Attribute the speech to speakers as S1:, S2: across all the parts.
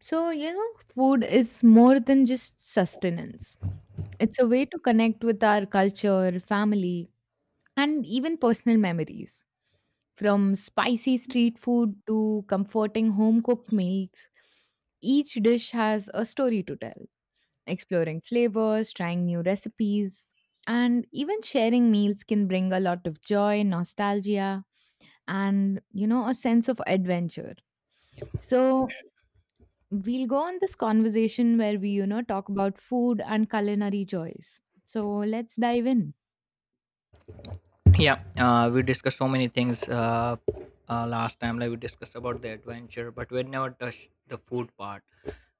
S1: So, food is more than just sustenance. It's a way to connect with our culture, family, and even personal memories. From spicy street food to comforting home cooked meals, each dish has a story to tell. Exploring flavors, trying new recipes, and even sharing meals can bring a lot of joy, nostalgia, and, a sense of adventure. So, we'll go on this conversation where we talk about food and culinary joys. So let's dive in.
S2: Yeah we discussed so many things, last time, like we discussed about the adventure, but we never touched the food part,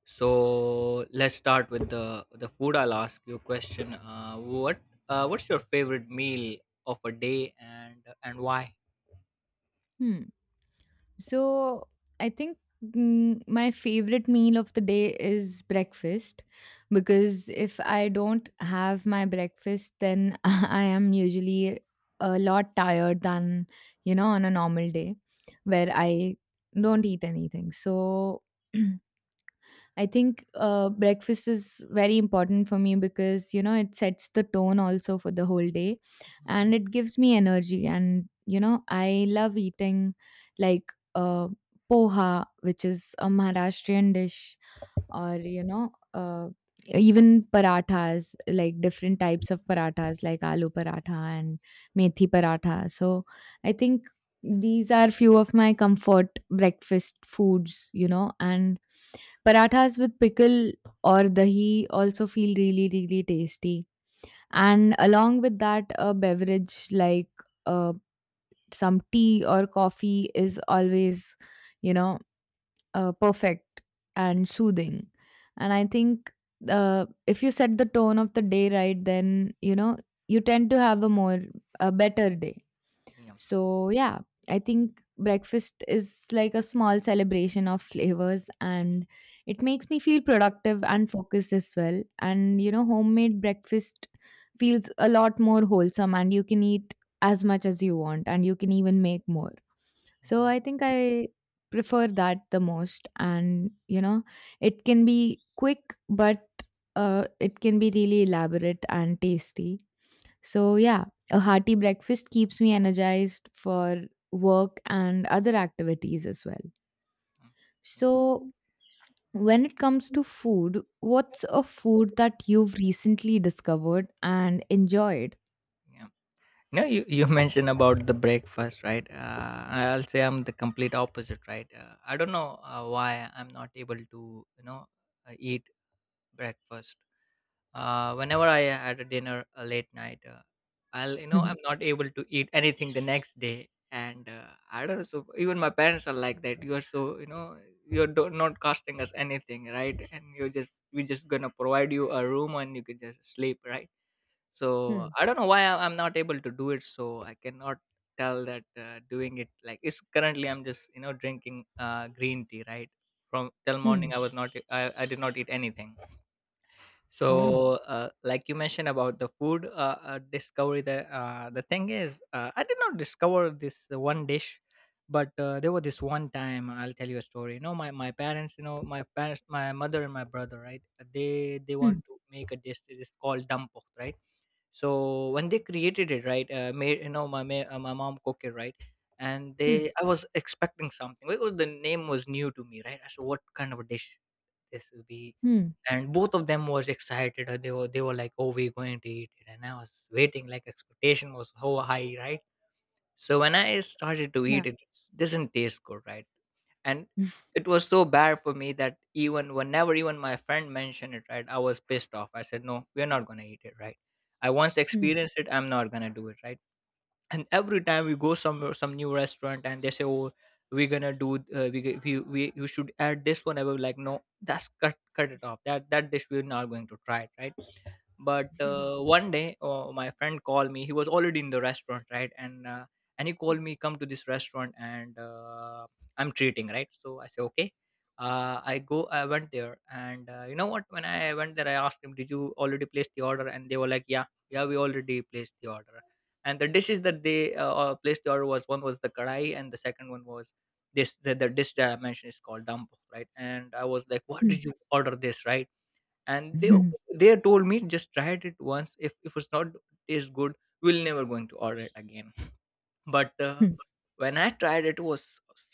S2: so let's start with the food. I'll ask you a question. What's your favorite meal of a day, and why?
S1: Hmm. So I think my favorite meal of the day is breakfast because if I don't have my breakfast, then I am usually a lot tired than, on a normal day where I don't eat anything. So I think breakfast is very important for me because, it sets the tone also for the whole day and it gives me energy. And, I love eating like poha, which is a Maharashtrian dish, or, even parathas, like different types of parathas, like aloo paratha and methi paratha. So I think these are few of my comfort breakfast foods and parathas with pickle or dahi also feel really, really tasty. And along with that, a beverage like uh, some tea or coffee is always, you know, perfect and soothing. And I think if you set the tone of the day right, then, you tend to have a better day.
S2: Yeah.
S1: So, yeah, I think breakfast is like a small celebration of flavors and it makes me feel productive and focused as well. And, homemade breakfast feels a lot more wholesome and you can eat as much as you want and you can even make more. So,
S2: Mhm.
S1: I think I prefer that the most. And, it can be quick, but it can be really elaborate and tasty so, yeah, a hearty breakfast keeps me energized for work and other activities as well.
S2: Mhm.
S1: So,
S2: Easy.
S1: when it comes to food, what's a food that you've recently discovered and enjoyed?
S2: Yeah. No, you mentioned about the breakfast, right? I'll say I'm the complete opposite, right? I don't know why I'm not able to, you know, eat breakfast. Whenever I had a dinner late night, I'll, you know, I'm not able to eat anything the next day. And I don't know, so even my parents are like that. You are so, you know, not costing us anything, right? And you're just, we're just gonna provide you a room and you can just sleep, right? So
S1: hmm.
S2: I don't know why I'm not able to do it, so I cannot tell that, doing it, like it's currently I'm just, you know, drinking green tea, right? From till
S1: Hmm.
S2: morning I was not, I did not eat anything.
S1: Oh.
S2: So, like you mentioned about the food, discovery, the thing is, I did not discover this one dish, but there was this one time. I'll tell you a story. You know, my parents, you know, my parents, my mother and my brother, right? They
S1: Hmm.
S2: want to make a dish. It is called dampo, right? So when they created it, right, made, you know, my mom cooked it, right, and
S1: Hmm.
S2: they, I was expecting something. It was, the name was new to me, right? I said, what kind of a dish this will be?
S1: Hmm.
S2: And both of them was excited. They were, they were like, "Oh, we're going to eat it," and I was waiting. Like expectation was so high, right? So when I started to
S1: Yeah.
S2: eat it, it doesn't taste good, right? And
S1: Hmm.
S2: it was so bad for me that even whenever even my friend mentioned it, right, I was pissed off. I said, "No, we're not gonna eat it," right? I once
S1: Hmm.
S2: experienced it. I'm not gonna do it, right? And every time we go somewhere, some new restaurant, and they say, oh, we're gonna do, we, g- we you should add this one. I was like, no, that's, cut it off, that dish, we're not going to try it, right? But
S1: Hmm.
S2: one day, my friend called me. He was already in the restaurant, right? And he called me, come to this restaurant. And I'm treating, right? So I say, okay. I went there, and you know what, when I went there, I asked him, did you already place the order? And they were like, yeah, yeah, we already placed the order. And the dishes that they placed the order, was one was the kadai, and the second one was this, the dish that I mentioned, is called dampo, right? And I was like, what
S1: Hmm.
S2: did you order this, right? And they
S1: Hmm.
S2: they told me, just try it once. If it's not taste good, we'll never going to order it again. But when I tried it, it was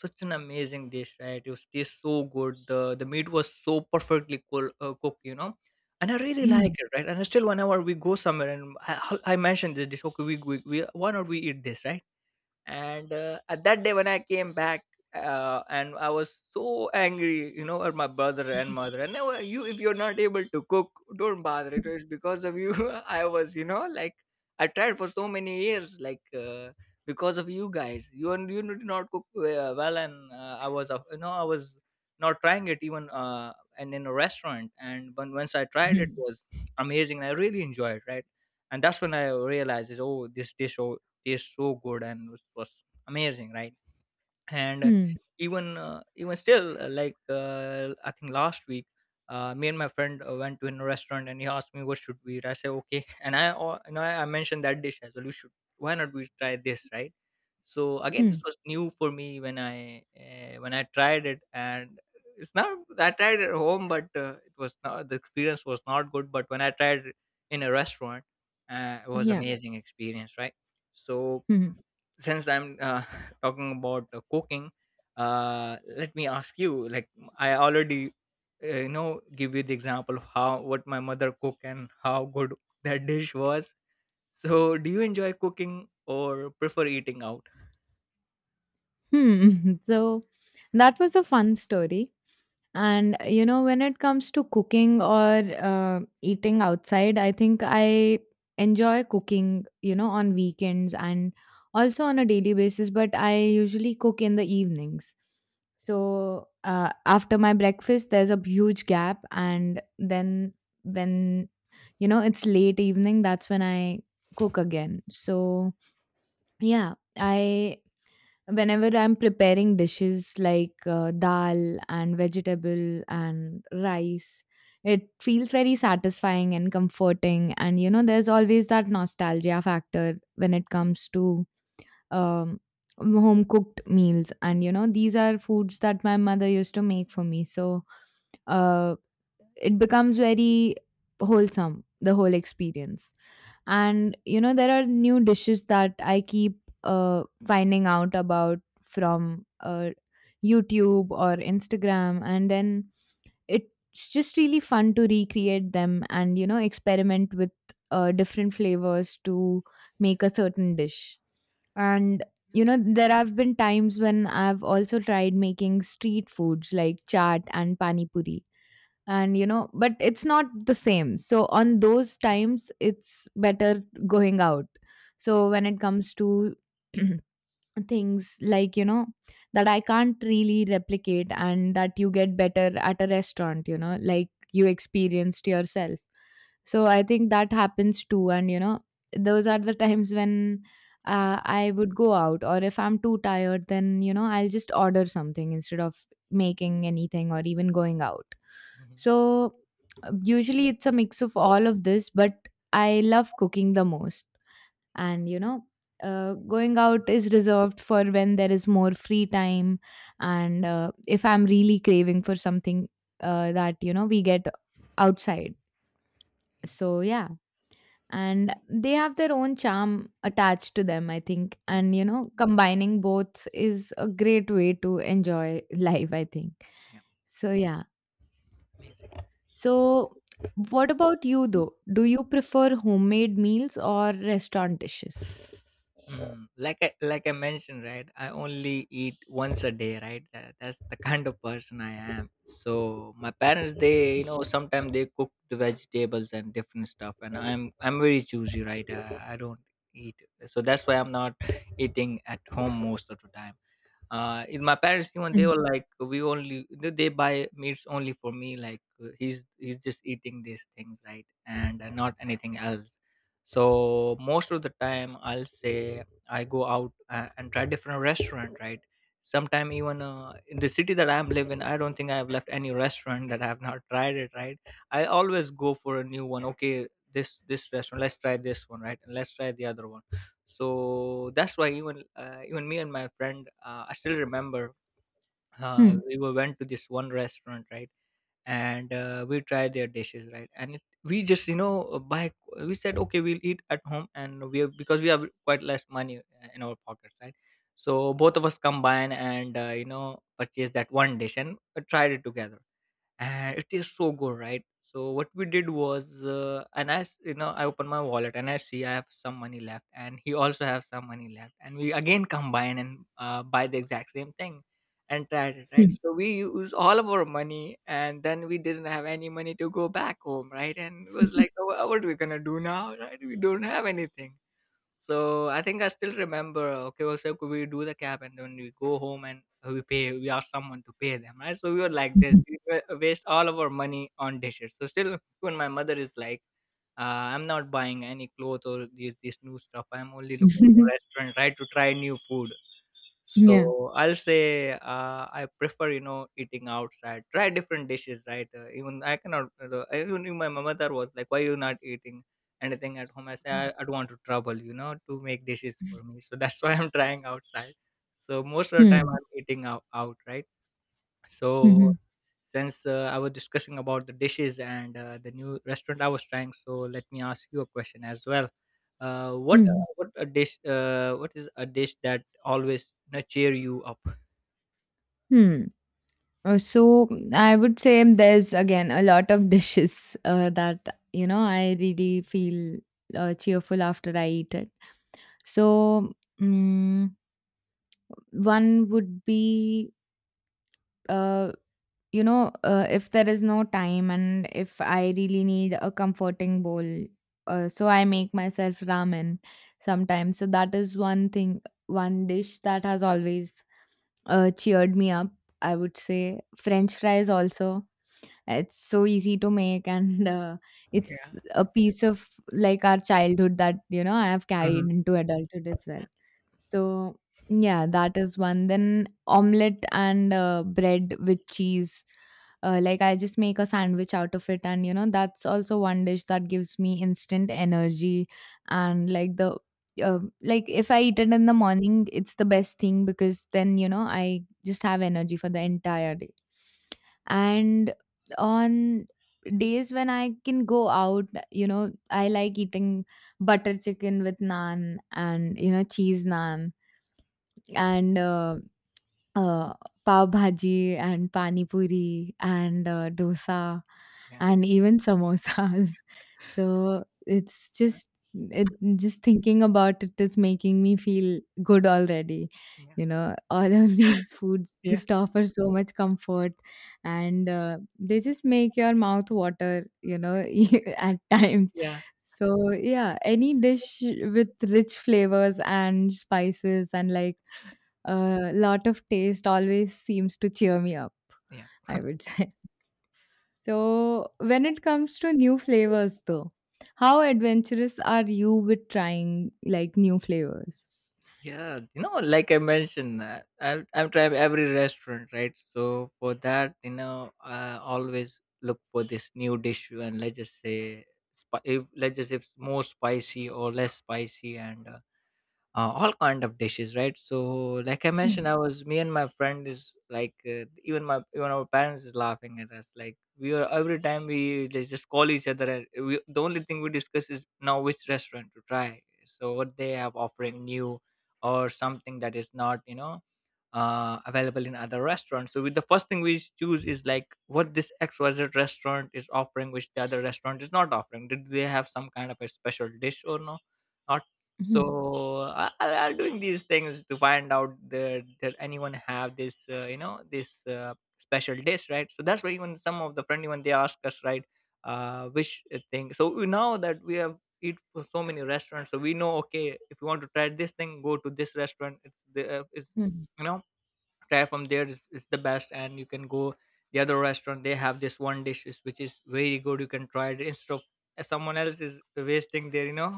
S2: such an amazing dish, right? It was taste so good. The meat was so perfectly cooked, you know. And I really
S1: Hmm.
S2: like it, right? And still whenever we go somewhere and I mentioned this dish, okay, we why not we eat this, right? And at that day when I came back, and I was so angry, you know, at my brother and mother, and now you, if you're not able to cook, don't bother. It was because of you I was, you know, like, I tried for so many years, like, because of you guys, you, and you did not cook well. And I was, you know, I was not trying it even, and in a restaurant, and when, once I tried, it
S1: Hmm.
S2: was amazing. I really enjoyed, right? And that's when I realized is, oh, this dish, oh, tastes so good, and was amazing, right? And
S1: Hmm.
S2: even still, I think last week, me and my friend went to a restaurant, and he asked me what should we eat. I said, okay, and you know, I mentioned that dish as well. You should, why not we try this, right? So again, this
S1: Hmm.
S2: was new for me when I tried it. And it's not I tried it at home, but it was not, the experience was not good. But when I tried it in a restaurant, it was
S1: Yeah.
S2: amazing experience, right? So
S1: Hmm.
S2: since I'm talking about cooking, let me ask you. Like I already, you know, give you the example of how, what my mother cooked and how good that dish was. So, do you enjoy cooking or prefer eating out?
S1: Hmm. So, that was a fun story. And you know, when it comes to cooking or eating outside, I think I enjoy cooking, you know, on weekends and also on a daily basis, but I usually cook in the evenings. So after my breakfast, there's a huge gap. And then when, you know, it's late evening, that's when I cook again. So yeah, I whenever I'm preparing dishes like dal and vegetable and rice, it feels very satisfying and comforting, and you know there's always that nostalgia factor when it comes to um, home cooked meals. And you know these are foods that my mother used to make for me, so uh, it becomes very wholesome, the whole experience. And you know there are new dishes that I keep finding out about from YouTube or Instagram, and then it's just really fun to recreate them and you know experiment with different flavors to make a certain dish. And you know there have been times when I've also tried making street foods like chaat and pani puri, and you know but it's not the same, so on those times it's better going out. So when it comes to things like you know that I can't really replicate and that you get better at a restaurant, you know, like you experienced yourself. So I think that happens too, and you know those are the times when
S2: Yeah, yeah,
S1: I would go out, or if I'm too tired then you know I'll just order something instead of making anything or even going out.
S2: mhm,
S1: So usually it's a mix of all of this, but I love cooking the most. And you know going out is reserved for when there is more free time, and if I'm really craving for something that you know we get outside.
S2: yeah,
S1: So yeah, and they have their own charm attached to them I think,
S2: yeah,
S1: and you know combining both is a great way to enjoy life I think. So yeah.
S2: yeah,
S1: So,
S2: please.
S1: what about you though? Do you prefer homemade meals or restaurant dishes?
S2: Mm, like I mentioned, right? I only eat once a day, right? That's the kind of person I am. So my parents, they, you know, sometimes they cook the vegetables and different stuff, and I'm very choosy, right? I don't eat, so that's why I'm not eating at home most of the time. In my parents, even they
S1: Hmm.
S2: were like, we only, they buy meats only for me, like, he's just eating these things, right, and not anything else. So most of the time, I'll say, I go out and try different restaurant, right? Sometime even, in the city that I'm living, I don't think I've left any restaurant that I have not tried it, right? I always go for a new one. Okay, this restaurant, let's try this one, right, and let's try the other one. So that's why, even me and my friend, I still remember,
S1: Hmm.
S2: went to this one restaurant, right? And we tried their dishes, right? And it, we just, you know, buy we said, okay, we'll eat at home, and we have, because we have quite less money in our pockets, right? So both of us combine, and you know, purchase that one dish, and tried it together, and it tastes so good, right? So what we did was, you know, I open my wallet and I see I have some money left, and he also have some money left, and we again combine and buy the exact same thing, and tried it, right?
S1: Hmm.
S2: So we use all of our money, and then we didn't have any money to go back home, right? And it was like, "Oh, what are we gonna do now, right? We don't have anything." So I think I still remember. Okay, well, so could we do the cab and then we go home and we pay. We ask someone to pay them, right? So we were like this.
S1: Mhm.
S2: We waste all of our money on dishes. So still, when my mother is like, uh, "I'm not buying any clothes or these new stuff. I'm only looking for restaurant, right, to try new food."
S1: yeah.
S2: So I'll say, I prefer, you know, eating outside. Try different dishes, right? Even I cannot. Even if my mother was like, "Why you not eating anything at home?" I say, "I don't want to trouble, you know, to make dishes for me." So that's why I'm trying outside. So most of the time
S1: Hmm.
S2: I'm eating out, out, right? So
S1: Mhm.
S2: since I was discussing about the dishes and the new restaurant I was trying, so let me ask you a question as well.
S1: Hmm.
S2: What a dish? What is a dish that always, you know, cheer you up?
S1: Hmm. So I would say there's again a lot of dishes that you know I really feel cheerful after I eat it. So mm one would be uh, if there is no time and if I really need a comforting bowl, so I make myself ramen sometimes. So that is one thing, one dish that has always cheered me up. I would say French fries also. It's so easy to make, and it's
S2: Yeah.
S1: a piece of like our childhood that you know I have carried
S2: Mhm.
S1: into adulthood as well. So yeah, that is one. Then omelette and bread with cheese. Like I just make a sandwich out of it, and you know that's also one dish that gives me instant energy. And like the like if I eat it in the morning, it's the best thing because then you know I just have energy for the entire day. And on days when I can go out, you know I like eating butter chicken with naan and you know cheese naan and uh, pav bhaji and pani puri and dosa
S2: Yeah,
S1: and even samosas. So it's
S2: yeah,
S1: just it just thinking about it is making me feel good already. You know, all of these foods
S2: yeah.
S1: just offer so much comfort, and they just make your mouth water. You know, at times.
S2: Yeah,
S1: So yeah, any dish with rich flavors and spices and like a lot of taste always seems to cheer me up,
S2: yeah.
S1: I would say. So, when it comes to new flavors, though, how adventurous are you with trying like new flavors?
S2: Yeah, you know, like I mentioned that I'm trying every restaurant, right? So for that, you know, I always look for this new dish and let's just say if let's just say it's more spicy or less spicy and all kind of dishes, right? So like I
S1: Hmm,
S2: mentioned, I was me and my friend is like, even my even our parents is laughing at us, like we are every time we just call each other and we, the only thing we discuss is now which restaurant to try, so what they have offering new or something that is not, you know, available in other restaurants. So with the first thing we choose is like what this XYZ restaurant is offering which the other restaurant is not offering. Did they have some kind of a special dish or no, not?
S1: hmm,
S2: So I'm doing these things to find out that, anyone have this this special dish, right? So that's why even some of the friend even they ask us, right? Which thing, so we know that we have eat for so many restaurants, so we know, okay, if you want to try this thing, go to this restaurant. it's the uh, it's
S1: hmm,
S2: you know try from there. Is the best, and you can go the other restaurant. They have this one dish which is very good. You can try it instead of someone else is wasting their, you know,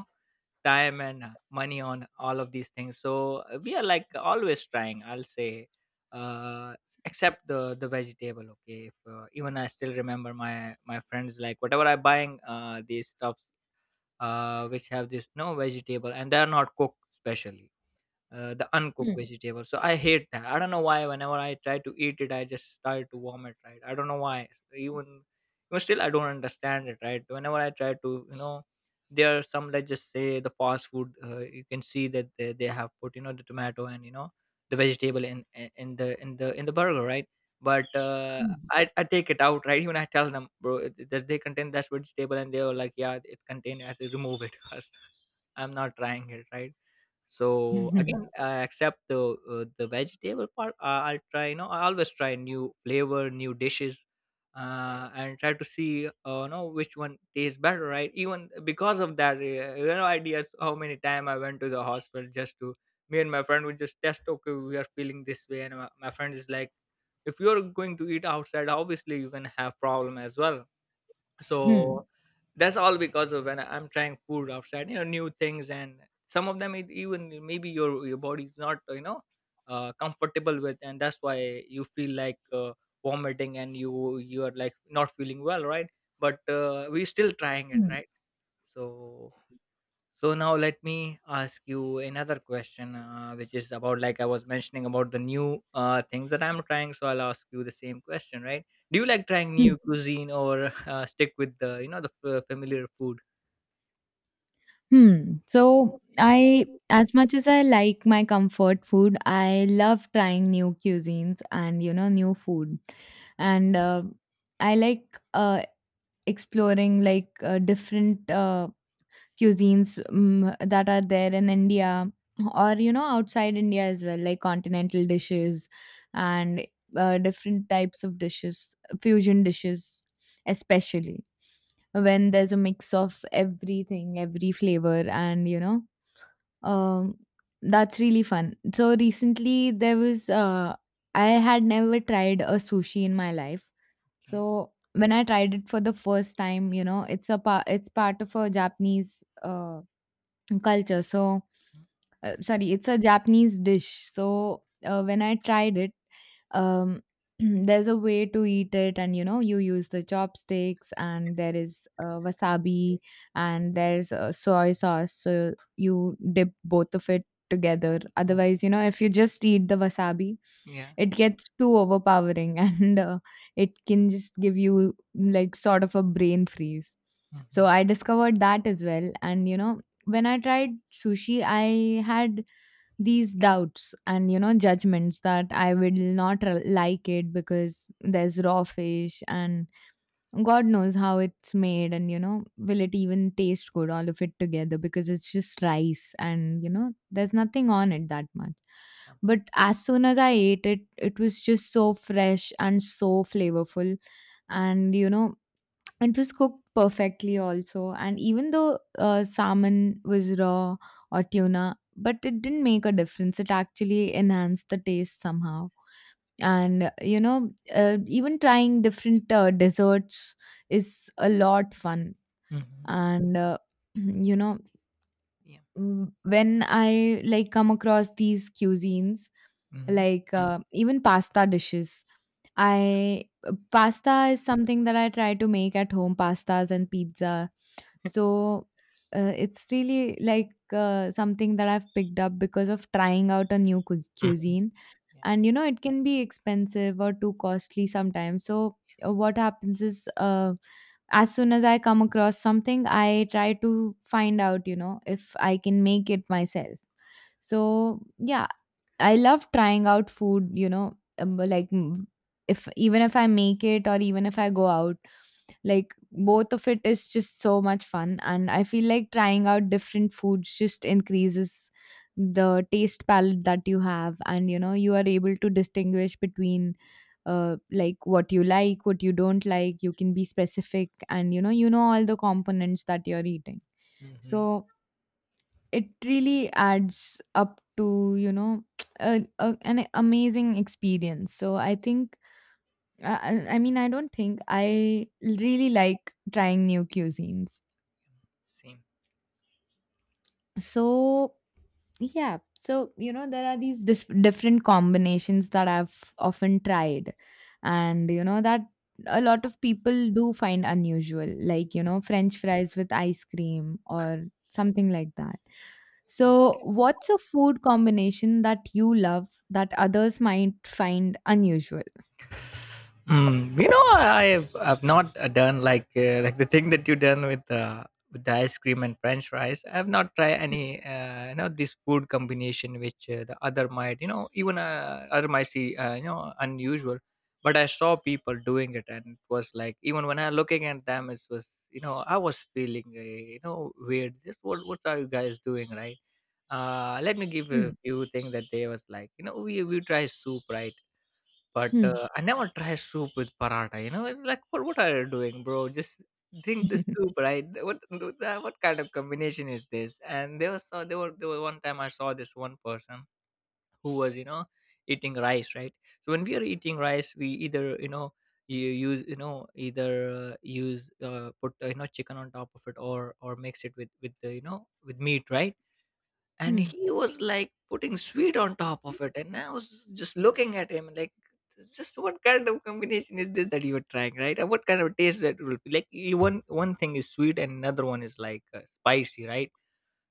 S2: time and money on all of these things. So we are like always trying, I'll say. uh Except the vegetable. Okay if, uh, even I still remember my friends, like whatever I buying these stuffs which have this no vegetable, and they are not cooked specially, the uncooked vegetable. So I hate that. I don't know why. Whenever I try to eat it, I just start to vomit. Right? I don't know why. So even, I don't understand it. Right? Whenever I try to, you know, there are some. Let's just say the fast food. You can see that they have put, you know, the tomato and, you know, the vegetable in the burger. Right? But uh,
S1: hmm,
S2: I, I take it out, right? Even I tell them, bro, does they contain that vegetable? And they were like, yeah, it contains. I say, remove it first. I'm not trying it. Right?
S1: hmm,
S2: So
S1: hmm,
S2: again, except the vegetable part, I'll try, you know, I always try new flavor, new dishes, and try to see, know which one tastes better, right? Even because of that, you know, ideas how many time I went to the hospital, just to me and my friend would just test, okay, we are feeling this way, and my friend is like, if you're going to eat outside, obviously you can have problem as well.
S1: hmm,
S2: So that's all because of when I'm trying food outside, you know, new things, and some of them, it, even maybe your body's not, you know, comfortable with, and that's why you feel like vomiting, and you are like not feeling well, right? But we still trying it, right? So so now let me ask you another question, which is about like I was mentioning about the new things that I'm trying. So I'll ask you the same question, right? Do you like trying
S1: hmm,
S2: new cuisine or stick with the, you know, the familiar food?
S1: hmm. So as much as I like my comfort food, I love trying new cuisines and you know new food, and I like exploring like different cuisines that are there in India or you know outside India as well, like continental dishes and different types of dishes, fusion dishes, especially when there's a mix of everything, every flavor, and you know, um, that's really fun. So recently there was I had never tried a sushi in my life,
S2: Okay.
S1: so when I tried it for the first time, you know, it's part of a Japanese culture. So,
S2: Mm.
S1: sorry, it's a Japanese dish. So, when I tried it, um, there's a way to eat it, and you know, you use the chopsticks, and there is wasabi, and there's soy sauce. So, you dip both of it together. Otherwise, you know, if you just eat the wasabi,
S2: Yeah.
S1: it gets too overpowering and it can just give you like sort of a brain freeze. So
S2: Mm-hmm.
S1: I discovered that as well. And you know, when I tried sushi, I had these doubts and you know, judgments that I will not like it because there's raw fish and God knows how it's made, and you know, will it even taste good, all of it together, because it's just rice and you know, there's nothing on it that much.
S2: Yeah.
S1: But as soon as I ate it, it was just so fresh and so flavorful, and you know, it was cooked perfectly also, and even though salmon was raw or tuna, but it didn't make a difference. It actually enhanced the taste somehow. And you know even trying different desserts is a lot fun,
S2: Mm-hmm.
S1: and you know,
S2: Yeah.
S1: when I like come across these cuisines
S2: Mm-hmm.
S1: like
S2: Mm-hmm.
S1: even pasta dishes, I pasta is something that I try to make at home, pastas and pizza. So it's really like something that I've picked up because of trying out a new
S2: Mm-hmm.
S1: cuisine.
S2: Yeah.
S1: And you know, it can be expensive or too costly sometimes. So what happens is, as soon as I come across something, I try to find out, you know, if I can make it myself. So, yeah, I love trying out food, you know, but like if even if I make it or even if I go out, like both of it is just so much fun. And I feel like trying out different foods just increases the taste palette that you have, and you know you are able to distinguish between like, what you don't like. You can be specific, and you know all the components that you're eating.
S2: Mm-hmm.
S1: So it really adds up to an amazing experience. So I, I don't think I really like trying new cuisines.
S2: Same.
S1: So Yeah. So, you know, there are these different combinations that I've often tried. And, you know, that a lot of people do find unusual, like, you know, French fries with ice cream or something like that. So, what's a food combination that you love that others might find unusual?
S2: Mm, you know, I've not done like the thing that you done with the ice cream and French fries. I've not tried any you know this food combination which the other might, you know, even other might see you know, unusual. But I saw people doing it, and it was like even when I looking at them, it was, you know, I was feeling you know, weird. This, what are you guys doing, right? Let me give
S1: Hmm.
S2: a few things that they was like. You know, we try soup, right? But,
S1: Hmm.
S2: I never try soup with paratha, you know, it's like, "What are you doing, bro? Just drink the soup, right? What kind of combination is this?" And they were so they were one time I saw this one person who was, you know, eating rice, right? So when we are eating rice, we either, you know, you use, you know, either use, put, you know, chicken on top of it, or mix it with you know, with meat, right? And
S1: Hmm.
S2: he was like putting sweet on top of it, and I was just looking at him like, "This- just what kind of combination is this that you are trying, right? And what kind of taste that will be, like you, one thing is sweet and another one is like spicy, right?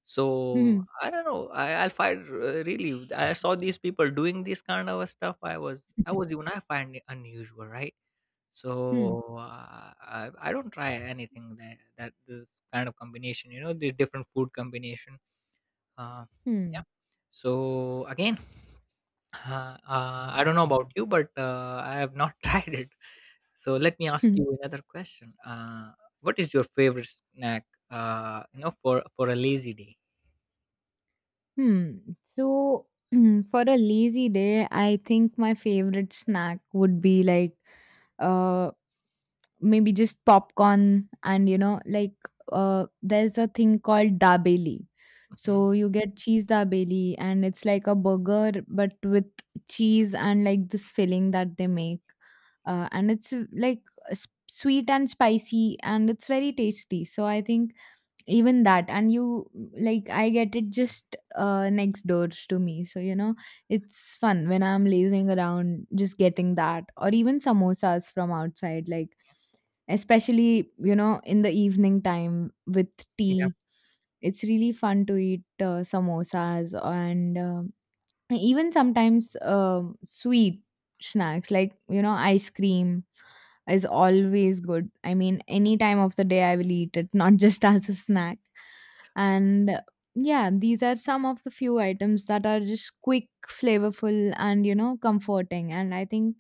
S2: So
S1: Hmm.
S2: I don't know, I find really, I saw these people doing this kind of stuff. I was even, I find it unusual, right?
S1: Hmm.
S2: So I don't try anything that this kind of combination, you know, the different food combination. uh,
S1: Hmm.
S2: yeah. So again, I don't know about you, but I have not tried it. So let me ask
S1: Hmm.
S2: you another question. What is your favorite snack? You know, for a lazy day.
S1: Hmm. So, for a lazy day, I think my favorite snack would be like uh maybe just popcorn and you know, like there's a thing called dabeli,
S2: Mhm.
S1: so you get cheese dabeli and it's like a burger but with cheese and like this filling that they make, and it's like sweet and spicy and it's very tasty. So I think even that, and you, like I get it just next doors to me, so you know it's fun when I'm lazing around just getting that, or even samosas from outside, like especially you know in the evening time with
S2: Yeah.
S1: tea. It's really fun to eat samosas and even sometimes sweet snacks like, you know, ice cream is always good. I mean, any time of the day I will eat it not just as a snack. And yeah, these are some of the few items that are just quick, flavorful, and you know, comforting. And I think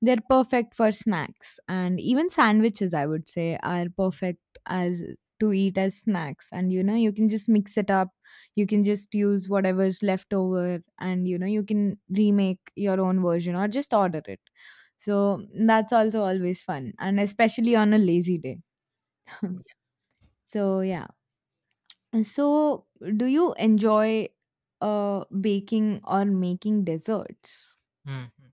S1: they're perfect for snacks. And even sandwiches, I would say, are perfect as to eat as snacks. And you know, you can just mix it up. You can just use whatever's left over, and you know, you can remake your own version or just order it. So that's also always fun, and especially on a lazy day. So, yeah. So, do you enjoy baking or making desserts?
S2: Mhm.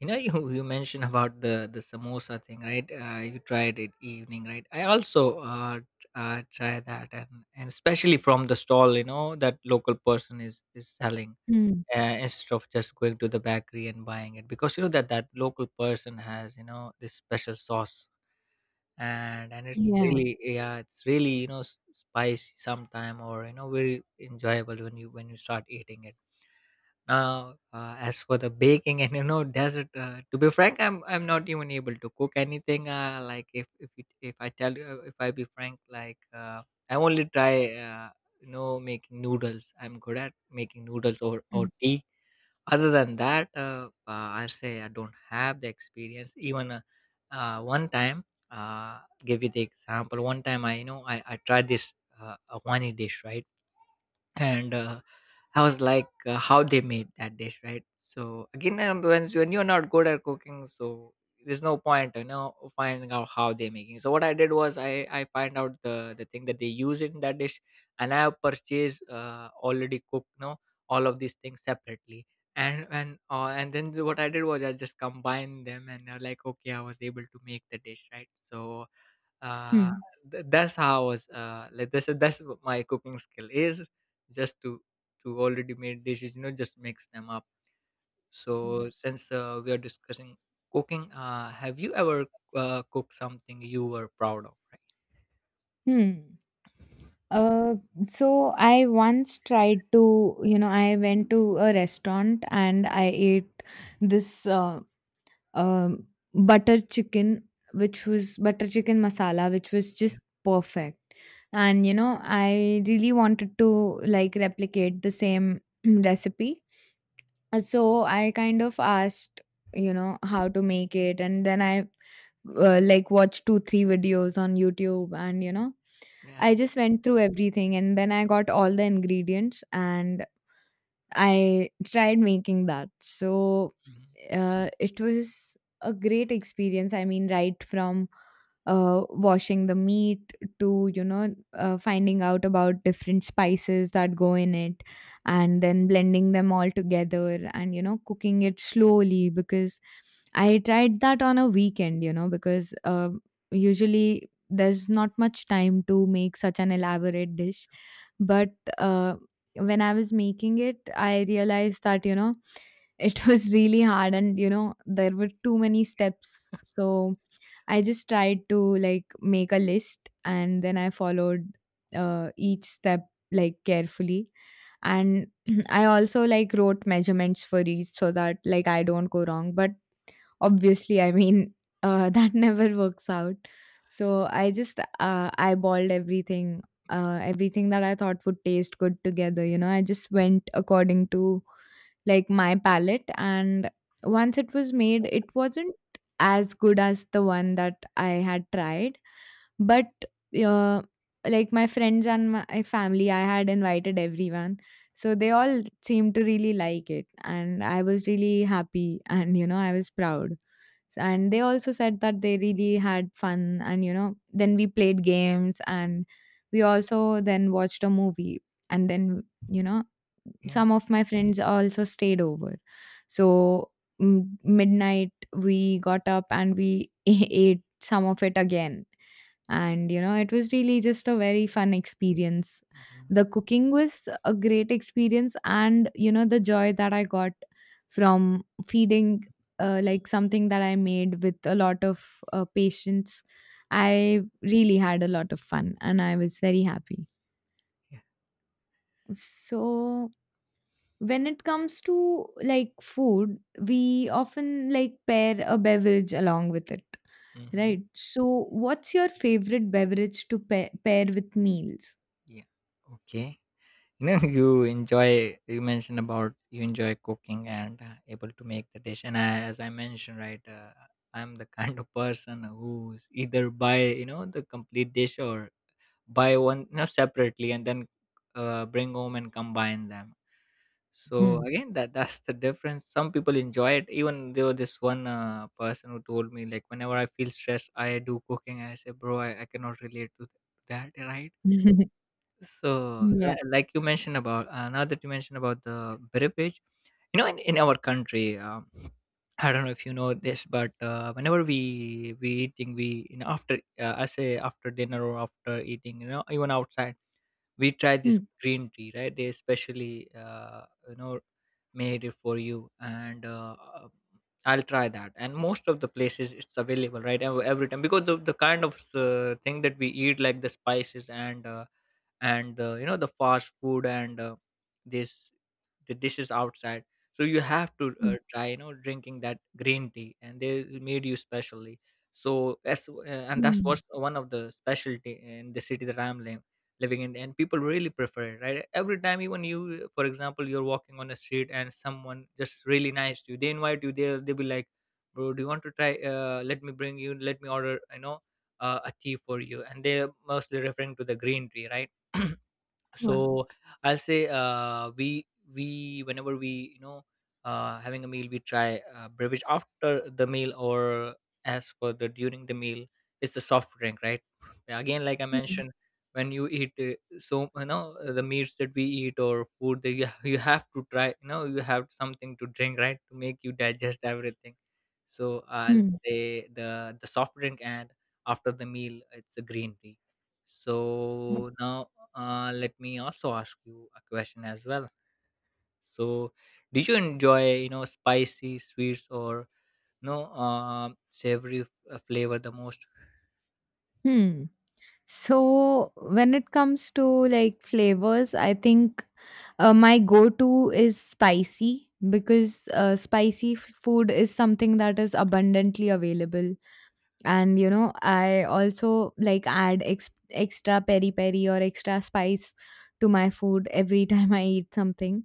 S2: You know, you mentioned about the samosa thing, right? You tried it evening, right? I also try that, and especially from the stall, you know, that local person is selling,
S1: Mm.
S2: instead of just going to the bakery and buying it, because you know that local person has, you know, this special sauce, and it's
S1: Yeah.
S2: really, yeah, it's really, you know, spicy sometime, or you know, very enjoyable when you, when you start eating it. Now as for the baking and you know desert, to be frank, I'm not even able to cook anything, like if I tell you, if I be frank, like, I only try uh, you know, making noodles. I'm good at making noodles,
S1: Mhm.
S2: or tea. Other than that, I say I don't have the experience. Even one time, give you the example. One time, I, you know, I tried this a Wani dish, right? And I was like, how they made that dish, right? So again, when you're not good at cooking, so there's no point, you know, finding out how they're making. So what I did was, I find out the thing that they use in that dish, and I have purchased already cooked, you know, all of these things separately. And and then what I did was I just combined them, and like, okay, I was able to make the dish, right? So uh,
S1: Hmm.
S2: that's how I was, like, that's what my cooking skill is, just to already made dishes, you know, just mix them up. So
S1: Mhm.
S2: since we are discussing cooking, have you ever cooked something you were proud of, right?
S1: Hmm. Uh, so I once tried to, you know, I went to a restaurant and I ate this um butter chicken, which was butter chicken masala, which was
S2: Yeah.
S1: just perfect. And, you know, I really wanted to like replicate the same recipe. So I kind of asked, you know, how to make it, and then I like watched two, three videos on YouTube, and you know,
S2: Yeah.
S1: I just went through everything, and then I got all the ingredients, and I tried making that. So
S2: Mhm.
S1: it was a great experience. I mean, right from washing the meat to, you know, finding out about different spices that go in it and then blending them all together and, you know, cooking it slowly because I tried that on a weekend, you know, because usually there's not much time to make such an elaborate dish, but when I was making it, I realized that, you know, it was really hard and, you know, there were too many steps. So I just tried to like make a list and then I followed each step like carefully. And I also like wrote measurements for each so that like I don't go wrong. But obviously, I mean, that never works out. So I just eyeballed everything, everything that I thought would taste good together. You know, I just went according to like my palate, and once it was made, it wasn't as good as the one that I had tried, but uh, like my friends and my family, I had invited everyone, so they all seemed to really like it, and I was really happy, and you know, I was proud. And they also said that they really had fun, and you know then we played games, and we also then watched a movie, and then you know
S2: Yeah.
S1: some of my friends also stayed over, so midnight we got up and we ate some of it again. And you know, it was really just a very fun
S2: Yeah.
S1: experience.
S2: Mhm.
S1: The cooking was a great experience, and you know the joy that I got from feeding like something that I made with a lot of patience. I really had a lot of fun and I was very happy.
S2: Yeah.
S1: So, when it comes to like food, we often like pair a beverage along with it,
S2: Mhm.
S1: right? So, what's your favorite beverage to pair with meals?
S2: Yeah. Okay. You know, you, enjoy you mentioned about, you enjoy cooking and able to make the dish, and I, as I mentioned, right, I'm the kind of person who's either buy, you know, the complete dish, or buy one, you know, separately, and then bring home and combine them. So
S1: Hmm.
S2: again, that that's the difference. Some people enjoy it, even though this one person who told me, like, whenever I feel stressed, I do cooking. I say, bro, I cannot relate to that, right? So,
S1: Yeah.
S2: like you mentioned about, now that you mentioned about the beverage, you know, in our country, I don't know if you know this, but whenever we eating, we, you know, after, I say after dinner, or after eating, you know, even outside, we try this
S1: Hmm.
S2: green tea, right? They, especially, you know, made it for you, and I'll try that. And most of the places it's available, right? Every time, because the kind of thing that we eat, like the spices, and you know, the fast food, and this the dishes outside. So you have to
S1: Hmm.
S2: try, you know, drinking that green tea, and they made you specially. So that's and that's
S1: Hmm.
S2: what's one of the specialty in the city that I'm living in, and people really prefer it, right? Every time, even you, for example, you're walking on the street and someone just really nice to you, they invite you there, they'll be like, bro, do you want to try, let me bring you, let me order, you know, a tea for you, and they're mostly referring to the green tea, right?
S1: Wow.
S2: So I'll say, we whenever we, you know, having a meal, we try beverage after the meal, or as for the during the meal, it's the soft drink, right? Yeah, again, like I
S1: Hmm.
S2: mentioned, when you eat, so you know, the meats that we eat, or food that you, you have to try, you know, you have something to drink, right, to make you digest everything. So I'll
S1: Hmm.
S2: say the soft drink, and after the meal it's a green tea. So now, let me also ask you a question as well. So, did you enjoy, you know, spicy, sweets, or no, savory, flavor the most?
S1: Hmm. So, when it comes to like flavors, I think my go to is spicy because spicy food is something that is abundantly available. And, you know, I also like add extra peri peri or extra spice to my food every time I eat something.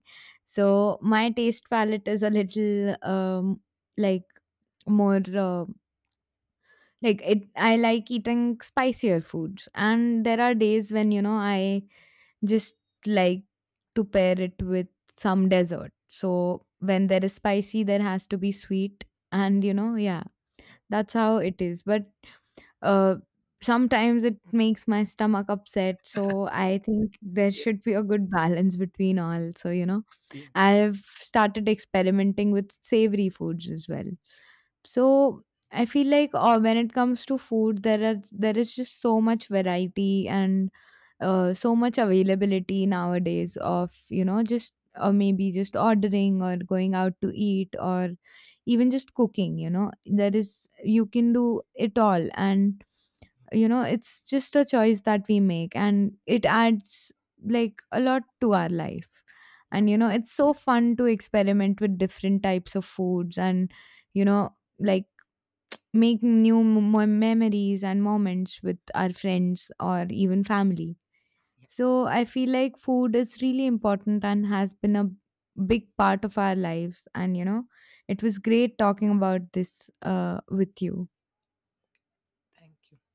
S1: So my taste palette is a little like more. Like it I like eating spicier foods, and there are days when you know I just like to pair it with some dessert. So when there is spicy, there has to be sweet. And you know, yeah,
S2: Yeah.
S1: that's how it is. But uh, sometimes it makes my stomach upset, so I think there should be a good balance between all. So, you know,
S2: Yeah.
S1: I've started experimenting with savory foods as well. So, I feel like when it comes to food, there is just so much variety and so much availability nowadays of you know just or maybe just ordering or going out to eat or even just cooking. You know, there is, you can do it all, and you know it's just a choice that we make, and it adds like a lot to our life.
S2: Yeah.
S1: And you know it's so fun to experiment with different types of foods and you know, like make new memories and moments with our friends or even family.
S2: Yeah.
S1: So I feel like food is really important and has been a big part of our lives, and you know it was great talking about this with you.
S2: Thank you.